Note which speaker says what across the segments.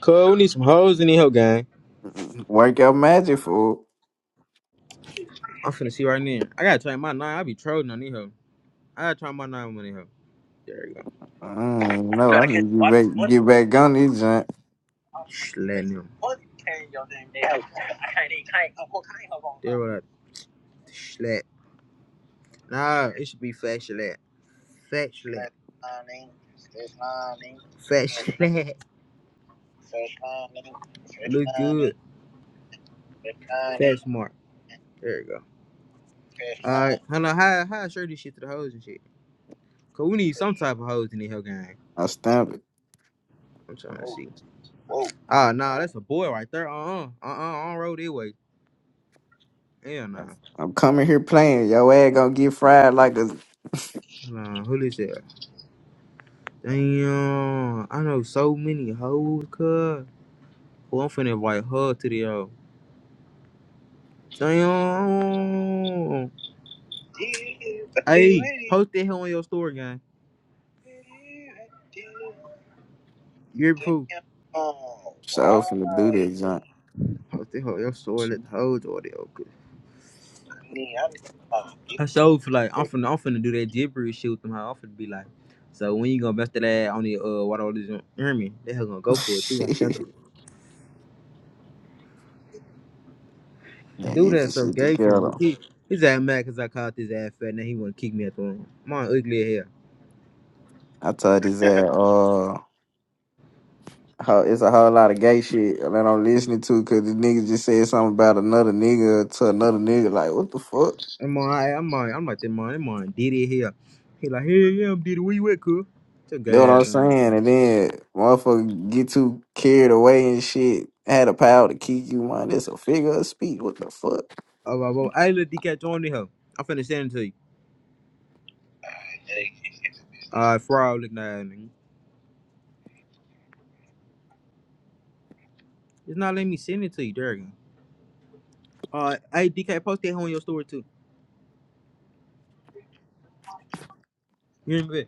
Speaker 1: Cuz, we need some hoes in the hoe gang.
Speaker 2: Work your magic, fool.
Speaker 1: I'm finna see right now. I gotta try my nine. I be trolling on these hoe. I gotta try my nine on these hoe. There you go.
Speaker 2: I don't even
Speaker 1: You
Speaker 2: know. I
Speaker 1: gotta catch
Speaker 2: need to get
Speaker 1: body
Speaker 2: back,
Speaker 1: money.
Speaker 2: get back on this junk.
Speaker 1: Just letting them. Money carrying your damn day hoe. I can't even There what I schlatt. Nah, it should be fat schlatt. Fat schlatt. Fat schlatt. Fat schlatt. Look good. Fat smart. There you go. Alright, hold on. How how I show this shit to the hoes and shit? Cause we need some type of hoes in the hell gang.
Speaker 2: I stamp it.
Speaker 1: I'm trying to see. whoa. Ah, nah, that's a boy right there. Uh uh-uh, uh. On road that way. Hell nah.
Speaker 2: I'm coming here playing. Your ass gonna get fried like a
Speaker 1: Nah, who this is? Damn. I know so many hoes, cuz. Well, I'm finna invite her to the yo. Damn. Hey, post that hell on your story, gang. You're proof. Oh,
Speaker 2: show finna do
Speaker 1: why?
Speaker 2: this junk.
Speaker 1: Post that hell on your story. Let the hoes do it. need, I need uh, I sure feel like I'm finna, I'm finna do that gibberish shit with them. How I'm finna be like, so when you gonna bust that ass on the uh water all this army? They hell gonna go for it too. I said,
Speaker 2: Gotta
Speaker 1: do
Speaker 2: get
Speaker 1: that
Speaker 2: this
Speaker 1: so
Speaker 2: shit
Speaker 1: gay for me.
Speaker 2: together.
Speaker 1: He, his ass mad cause I called his ass fat and he wanna kick me at the room. My ugly hair.
Speaker 2: I told this ass, uh, ho- it's a whole lot of gay shit that I'm listening to because the nigga just said something about another nigga to another nigga. Like, what the fuck?
Speaker 1: I'm on, I, I'm on, I'm like that man. I'm on Diddy here. He like, hey, yeah, I'm Diddy. Where you at, cool? Took
Speaker 2: That's what
Speaker 1: gay
Speaker 2: I'm
Speaker 1: ass on.
Speaker 2: saying. And then motherfucker get too carried away and shit. Had a power to keep you mind. That's a figure of speech. What the fuck?
Speaker 1: Oh, well, well, hey, look, DK, join the hell. I'm finna send it to you. hey, All right, fraud looking at me. It's not letting me send it to you, Derek. Uh, hey, DK, post that hoe in your story too. You hear me?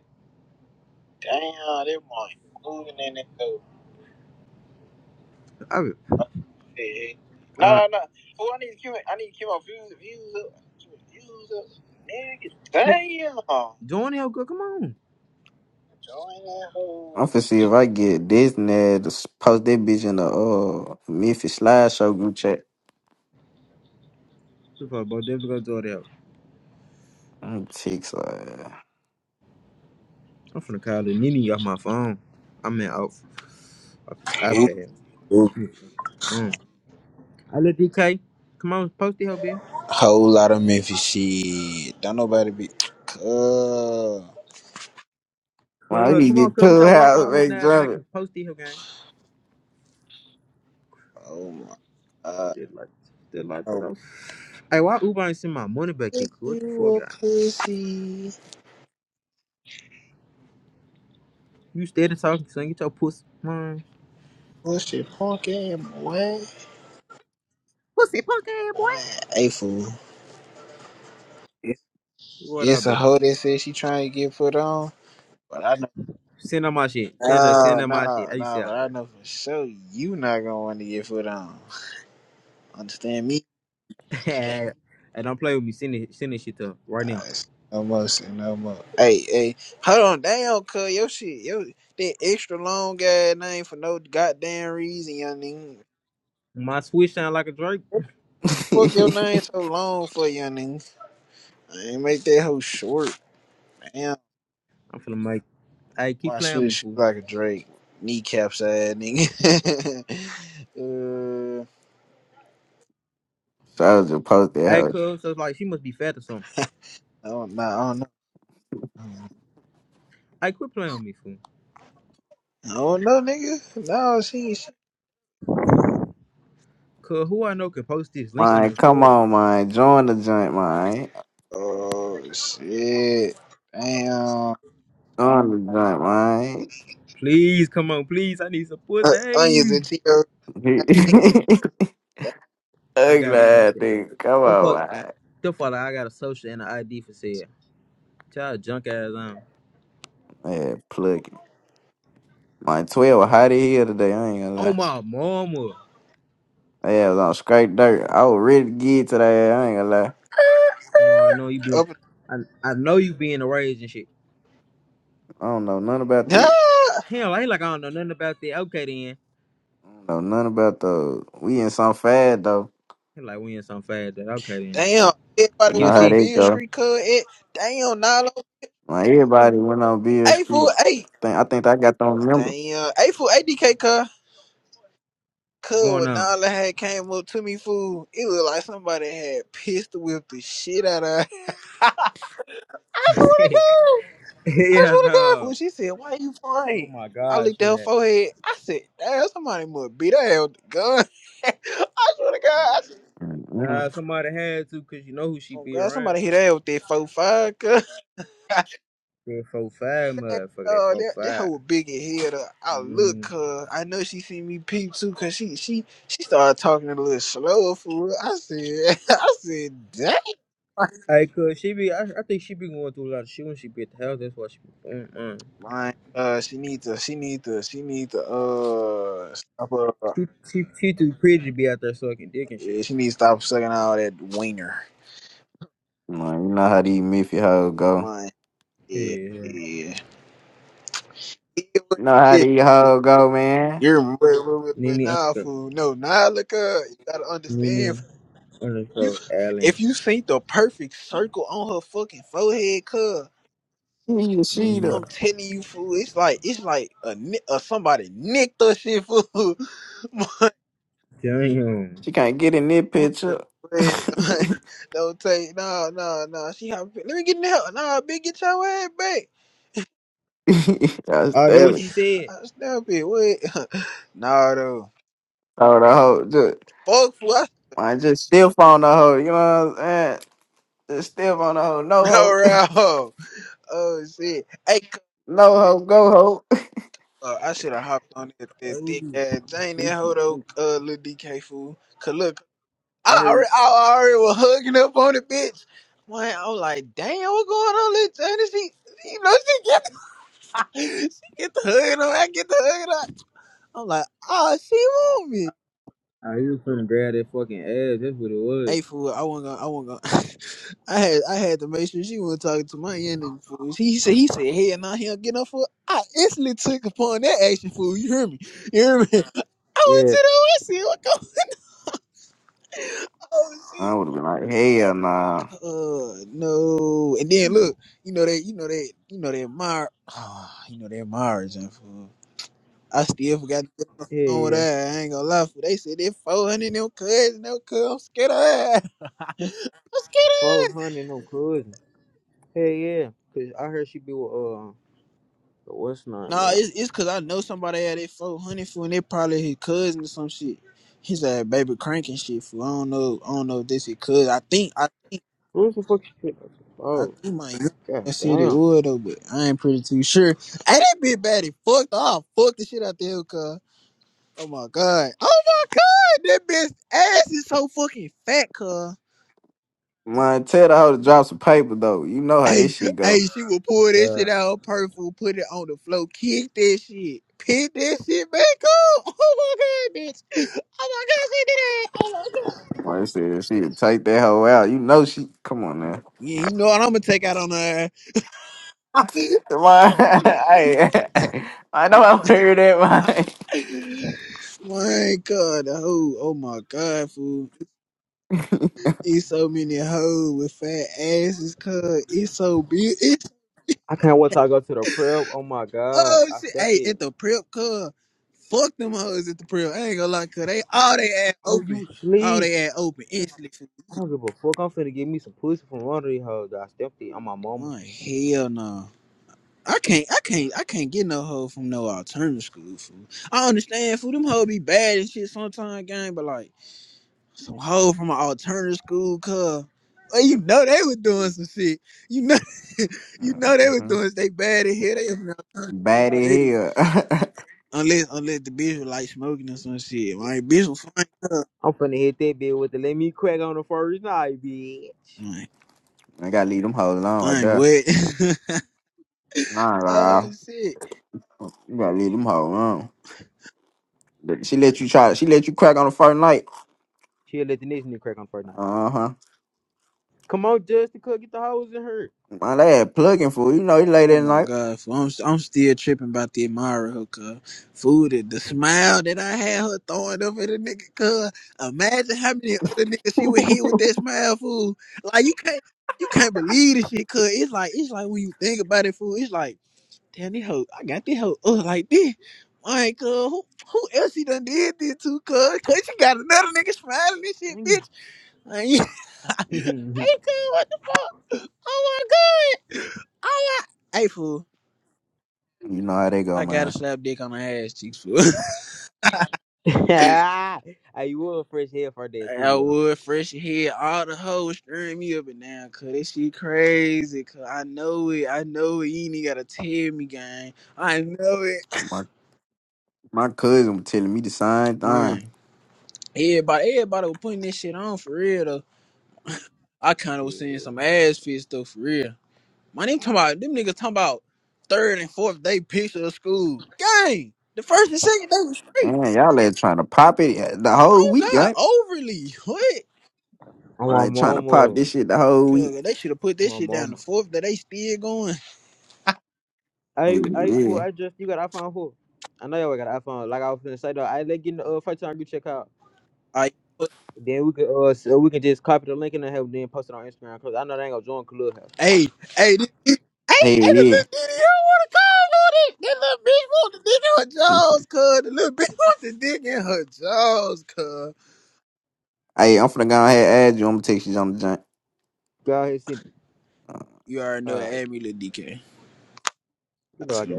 Speaker 1: Damn, that boy moving in that though. I will. Yeah. No, Uh, No, no, no. Oh, I need to keep, I need to keep my views, views up. Keep my views up. Nigga, damn. join out, girl. Come on. Join that hole.
Speaker 2: I'm finna see if I get Disney to s- post that bitch in the uh Memphis slideshow group chat.
Speaker 1: Super Bowl, definitely gonna join out.
Speaker 2: I'm ticked. Wow,
Speaker 1: I'm finna call the Nini off my phone. I mean, off off this
Speaker 3: Uber,
Speaker 1: iPad.
Speaker 3: Uber.
Speaker 1: Mm. I let DK. Come on, post that hoe, bitch.
Speaker 3: Whole lot of Memphis shit. Don't nobody be. Uh,
Speaker 2: I
Speaker 1: Cuz,
Speaker 2: need
Speaker 1: come
Speaker 2: to
Speaker 1: on,
Speaker 2: get
Speaker 1: cuz, get
Speaker 2: two
Speaker 1: your rock
Speaker 2: house
Speaker 1: while looking
Speaker 2: make
Speaker 1: at
Speaker 2: drop
Speaker 1: back and post that hoe, gang.
Speaker 3: oh my god.
Speaker 1: Did like, did like
Speaker 3: Oh,
Speaker 1: that. Hey, why Uber ain't send my money back
Speaker 3: bitch,
Speaker 1: yet? What the
Speaker 3: you
Speaker 1: fuck,
Speaker 3: a
Speaker 1: guy?
Speaker 3: pussy.
Speaker 1: You stay there talking, son. Get your pussy, man.
Speaker 3: Pussy punk ass boy.
Speaker 1: Pussy punk ass
Speaker 3: Boy,
Speaker 1: boy.
Speaker 3: Hey fool. It's,
Speaker 1: What up,
Speaker 3: it's a
Speaker 1: bitch?
Speaker 3: hoe that says she trying to get put on. But I know.
Speaker 1: Send her my shit. Send her, send
Speaker 3: No,
Speaker 1: her my shit.
Speaker 3: no,
Speaker 1: How you say
Speaker 3: no,
Speaker 1: out
Speaker 3: but I
Speaker 1: there?
Speaker 3: know for sure you not gonna want to get put on. Understand me?
Speaker 1: Hey, don't play with me. Send it, send this shit to her right now.
Speaker 3: Alright, no more, see no more. Hey, hey, hold on, damn, cuz your shit, yo, that extra long ass name for no goddamn reason, young nigga.
Speaker 1: My switch sound like a Drake.
Speaker 3: What the fuck your name so long for, young nigga? I ain't make that hoe short, damn.
Speaker 1: I'm finna make. Hey, keep
Speaker 3: My
Speaker 1: playing with
Speaker 3: switch
Speaker 1: me,
Speaker 3: shoot
Speaker 1: fool.
Speaker 3: like a Drake, kneecaps ass nigga. uh,
Speaker 2: so I was just post that
Speaker 1: Hey,
Speaker 2: house.
Speaker 1: cuz, so it's like she must be fat or something.
Speaker 3: I don't know, I don't know,
Speaker 1: Hey, quit playing with me, fool.
Speaker 3: I don't know, nigga. No, she, ain't shit.
Speaker 1: Cuz, who I know can post this link on
Speaker 2: Mine,
Speaker 1: their
Speaker 2: come
Speaker 1: store?
Speaker 2: on, mine. Join the joint, mine.
Speaker 3: oh shit, damn.
Speaker 2: Join the joint,
Speaker 1: Please, come on, please. I need some
Speaker 3: Uh,
Speaker 1: pussy.
Speaker 3: onions
Speaker 1: Hey,
Speaker 3: and Cheetos.
Speaker 2: mine.
Speaker 1: I
Speaker 2: Ugly
Speaker 1: got a
Speaker 2: ass
Speaker 1: social.
Speaker 2: thing. Come
Speaker 1: The fuck,
Speaker 2: on,
Speaker 1: the fuck, I got a social and an ID for sale. Child junk ass huh? on.
Speaker 2: Yeah, plucking. My 12 hot in here today, I ain't gonna
Speaker 1: Oh
Speaker 2: lie.
Speaker 1: my mama.
Speaker 2: Yeah, I was on straight dirt. I was ready to get today, I ain't gonna lie.
Speaker 1: Ma, I know you
Speaker 3: Up
Speaker 1: being I, I know you being a rage and shit.
Speaker 2: I don't know nothing about that.
Speaker 3: Ah,
Speaker 1: Hell, I like I don't know nothing about that. Okay then.
Speaker 2: I don't know nothing about those. We in some fad though.
Speaker 1: He like we in some fad that okay then.
Speaker 3: damn,
Speaker 2: You
Speaker 3: everybody
Speaker 2: know
Speaker 3: went
Speaker 2: how
Speaker 3: on
Speaker 1: QC,
Speaker 2: they
Speaker 1: what's
Speaker 3: Beard
Speaker 2: go.
Speaker 3: Street, cuz. It, damn, Nala.
Speaker 2: Like everybody went on Beer
Speaker 3: Hey, fool,
Speaker 2: Street.
Speaker 3: hey.
Speaker 2: I think I think I got them number.
Speaker 3: Damn, hey, fool, ADK, cuz. Cuz,
Speaker 1: going
Speaker 3: when
Speaker 1: on?
Speaker 3: Nala had came up to me, fool, it was like somebody had pistol whipped the shit out of her. I swear to God. I
Speaker 1: yeah,
Speaker 3: swear to God,
Speaker 1: no.
Speaker 3: fool. She said, why you
Speaker 1: Oh
Speaker 3: fighting?
Speaker 1: my
Speaker 3: I
Speaker 1: gosh,
Speaker 3: looked at her
Speaker 1: that.
Speaker 3: forehead. I said, damn, somebody must beat her hell with the gun. I swear to God. I said,
Speaker 1: Nah,
Speaker 2: mm
Speaker 1: somebody had to cause you know who she
Speaker 3: oh,
Speaker 1: be
Speaker 3: God,
Speaker 1: around.
Speaker 3: somebody hit her with that 4-5, cuz.
Speaker 1: That four five motherfucker, that
Speaker 3: Uh,
Speaker 1: four
Speaker 3: that that
Speaker 1: five.
Speaker 3: hoe big in head. Uh, I look
Speaker 1: Mm.
Speaker 3: her. I know she see me peep too, cause she she she started talking a little slower, for real. I said, I said, damn.
Speaker 1: Hey, cause she be, I, I think she be going through a lot of shit when she be at the house. That's why she be, mm, mm.
Speaker 3: Man, uh, she need to, she need to, she need to, uh, stop her.
Speaker 1: She, she, she too pretty to be out there sucking dick and shit.
Speaker 3: Yeah, she need to stop sucking all that wiener.
Speaker 2: Like, you know how these Miffy hoes go.
Speaker 3: Man, yeah,
Speaker 1: Yeah.
Speaker 3: yeah. Yeah, what
Speaker 2: You
Speaker 3: it
Speaker 2: know how
Speaker 3: is.
Speaker 2: these hoes go, man.
Speaker 3: You're wait, wait, wait, wait,
Speaker 1: Nene
Speaker 3: nah,
Speaker 1: Uncle,
Speaker 3: fool. No, nah, look up. You gotta understand.
Speaker 1: Nene
Speaker 3: fool. You,
Speaker 1: Uncle Allen.
Speaker 3: if you see the perfect circle on her fucking forehead, cuz.
Speaker 2: She she the
Speaker 1: Nene.
Speaker 3: I'm telling you, fool. It's like it's like a, ni- a somebody nicked us shit, fool. my,
Speaker 1: Damn.
Speaker 2: she can't get in this
Speaker 3: my,
Speaker 2: picture.
Speaker 3: man,
Speaker 2: I
Speaker 3: like, don't take no, no, no. She have let me get in the hell. Nah, bitch, get your ass back.
Speaker 2: was
Speaker 1: Oh, that what
Speaker 2: telling.
Speaker 1: she said.
Speaker 3: I snap it. Wait, nah, though.
Speaker 2: Oh the hoe.
Speaker 3: Fuck, fool. I
Speaker 2: I just stiff on the hoe. You know what I'm saying? Just stiff on the hoe. No
Speaker 3: no
Speaker 2: hoe.
Speaker 3: round. Oh shit. Hey, c-
Speaker 2: No hoe. Go hoe.
Speaker 3: uh, I should have hopped on that, that thick ass Jane that hoe though, uh, little DK fool. 'Cause look,
Speaker 1: I
Speaker 3: I
Speaker 1: heard.
Speaker 3: already, I already was hugging up on the bitch. Man, I was like, damn, what's going on, little Johnny? She, you know, she get the, she get the hugging on. I get the hugging on. I'm like, oh, she want me.
Speaker 1: Oh, you from grab that fucking ass. That's what it was.
Speaker 3: Hey, fool, I wasn't gonna, I wasn't gonna. I had, I had to make sure she wasn't talking to my enemy, fool. He said, he said, hey, now he don't get no fool. I instantly took upon that action, fool. You hear me? You hear me? I went
Speaker 1: Yeah.
Speaker 3: to the West. What go? Oh shit!
Speaker 2: I would have been like, hell nah.
Speaker 3: Uh no. And then look, you know that you know that you know that Mar ah, you know that Mars and fool. I still forgot to get on the
Speaker 1: Yeah,
Speaker 3: phone with her.
Speaker 1: yeah.
Speaker 3: I ain't gonna lie, fool. They said they four hundred them cuz no cuz I'm scared of her. I'm scared
Speaker 1: Twelve
Speaker 3: of her.
Speaker 1: hundred no cousin. Hey yeah. Cause I heard she be with uh the what's not
Speaker 3: Nah,
Speaker 1: man.
Speaker 3: it's it's cause I know somebody had that four hundred fool and they probably his cousin or some shit. He's like baby cranking shit fool. I don't know I don't know if this is cuz I think I think
Speaker 1: Who's the fuck she
Speaker 3: I
Speaker 1: Oh,
Speaker 3: think my young ass
Speaker 1: god
Speaker 3: said it
Speaker 1: damn. Oh,
Speaker 3: would though, but I ain't pretty too sure. Hey, that bitch bad. He fucked off. Fuck the shit out the hell, cuz. Oh my god. Oh my god. That bitch ass is so fucking fat, cuz.
Speaker 2: Man, tell the hoe to drop some paper though. You know how
Speaker 3: Hey,
Speaker 2: this shit
Speaker 3: hey,
Speaker 2: go.
Speaker 3: she would pull that shit
Speaker 1: god.
Speaker 3: out of her purse, put it on the floor, kick that shit, pick that shit back up. Oh my god, bitch. Oh my god, she did that. Oh my god.
Speaker 2: Well, she said she would take that hoe out. You know she. Come on now.
Speaker 3: Yeah, you know what I'm gonna take out on her.
Speaker 2: Man, I, I know I heard that,
Speaker 3: my god, the hoe. Oh my god, fool. It's so many hoes with fat asses, cuz. It's so big. It's
Speaker 1: I can't wait till I go to the prep. Oh my god.
Speaker 3: oh
Speaker 1: I
Speaker 3: shit.
Speaker 1: stepped
Speaker 3: Hey,
Speaker 1: in.
Speaker 3: at the prep, cuz. Fuck them hoes at the prison. I ain't gonna lie, cause they all they ass
Speaker 1: Oh
Speaker 3: open.
Speaker 1: you
Speaker 3: All
Speaker 1: sleep.
Speaker 3: they ass open instantly. finna-
Speaker 1: I don't give a fuck. I'm finna get me some pussy from one of these hoes. that I stepped in on my mama.
Speaker 3: My hell no. I can't I can't I can't get no hoe from no alternative school fool. I understand fool, them hoes be bad and shit sometimes gang, but like some hoe from an alternative school cuz well, you know they was doing some shit. You know you know
Speaker 2: man.
Speaker 3: they was
Speaker 2: hmm
Speaker 3: doing they bad in here, they from an alternative school
Speaker 2: Bad as
Speaker 3: already.
Speaker 2: hell.
Speaker 3: Unless unless the bitch was like smoking or some shit. My bitch was fine.
Speaker 1: I'm finna hit that bitch with the let me crack on the first night, bitch.
Speaker 3: Man,
Speaker 2: I gotta leave them hoes alone right
Speaker 3: I ain't
Speaker 2: there.
Speaker 3: wet.
Speaker 2: Nah, nah,
Speaker 3: Oh shit!
Speaker 2: you gotta leave them hoes alone. She let you try. She let you crack on the first night.
Speaker 1: She'll let the next nigga crack on the first night.
Speaker 2: Uh huh.
Speaker 1: Come on, Justin Cook, get the hose in her.
Speaker 2: My lad plugging for you know he late
Speaker 3: Oh
Speaker 2: at
Speaker 3: my
Speaker 2: night.
Speaker 3: god, fool. I'm I'm still tripping about the Amara hooker food and the smile that I had her throwing up at the nigga. Cause imagine how many other niggas she would hit with that smile, fool. Like you can't you can't believe this shit. Cause it's like it's like when you think about it, fool. It's like damn, this hoe. I got this hoe up like this. Like, cuz who who else she done did this to? Cuz cause she got another nigga smiling and shit,
Speaker 1: Thank
Speaker 3: bitch. And you, hey,
Speaker 1: you.
Speaker 3: cuz, what the fuck? Oh my god. Oh my. Hey, fool.
Speaker 2: You know how they go,
Speaker 3: I gotta
Speaker 2: man.
Speaker 3: slap dick on the ass cheeks, fool.
Speaker 1: hey, you were fresh hair for that
Speaker 3: I
Speaker 1: school though.
Speaker 3: would fresh head, all the hoes stirring me up and down, cuz this shit crazy, cuz I know it, I know it, you ain't even gotta tell me, gang. I know it.
Speaker 2: My my cousin was telling me the same thing.
Speaker 3: Man, everybody, everybody was putting this shit on for real, though. I kinda was seeing
Speaker 1: Yeah.
Speaker 3: some ass fit stuff for real. Man, they talking about them niggas talking about third and fourth day picture of school. Gang, the first and second day was straight.
Speaker 2: Man, y'all ain't trying to pop it the whole week,
Speaker 3: Oh God,
Speaker 2: ain't it?
Speaker 3: overly what?
Speaker 1: I'm
Speaker 2: I
Speaker 1: on
Speaker 2: ain't trying to pop
Speaker 1: mama.
Speaker 2: this shit the whole week.
Speaker 3: God, they should have put
Speaker 1: I'm
Speaker 3: this
Speaker 1: on
Speaker 3: shit down
Speaker 1: mama.
Speaker 3: the fourth. That they still going.
Speaker 2: Hey,
Speaker 1: Hey, hey, fool,
Speaker 2: yeah.
Speaker 1: I just you got iPhone four. I know y'all got an iPhone. Like I was finna say though, I let get in the uh, first time you check out.
Speaker 3: Like,
Speaker 1: Then we could uh so we can just copy the link and then have then post it on Instagram because I know they ain't gonna join Clubhouse.
Speaker 3: hey, hey, this, this- hey,
Speaker 2: Hey,
Speaker 3: hey, the little
Speaker 2: yeah.
Speaker 3: diddy, you don't want to call on it. That little bitch want to dig in her jaws, cuz. The little bitch wants to dig in her jaws, cuz.
Speaker 2: Hey, I'm finna go ahead and add you. I'm gonna text you on the joint.
Speaker 1: Go ahead, see.
Speaker 3: You already know, it,
Speaker 1: Uh,
Speaker 3: add me, little DK.
Speaker 1: you know I got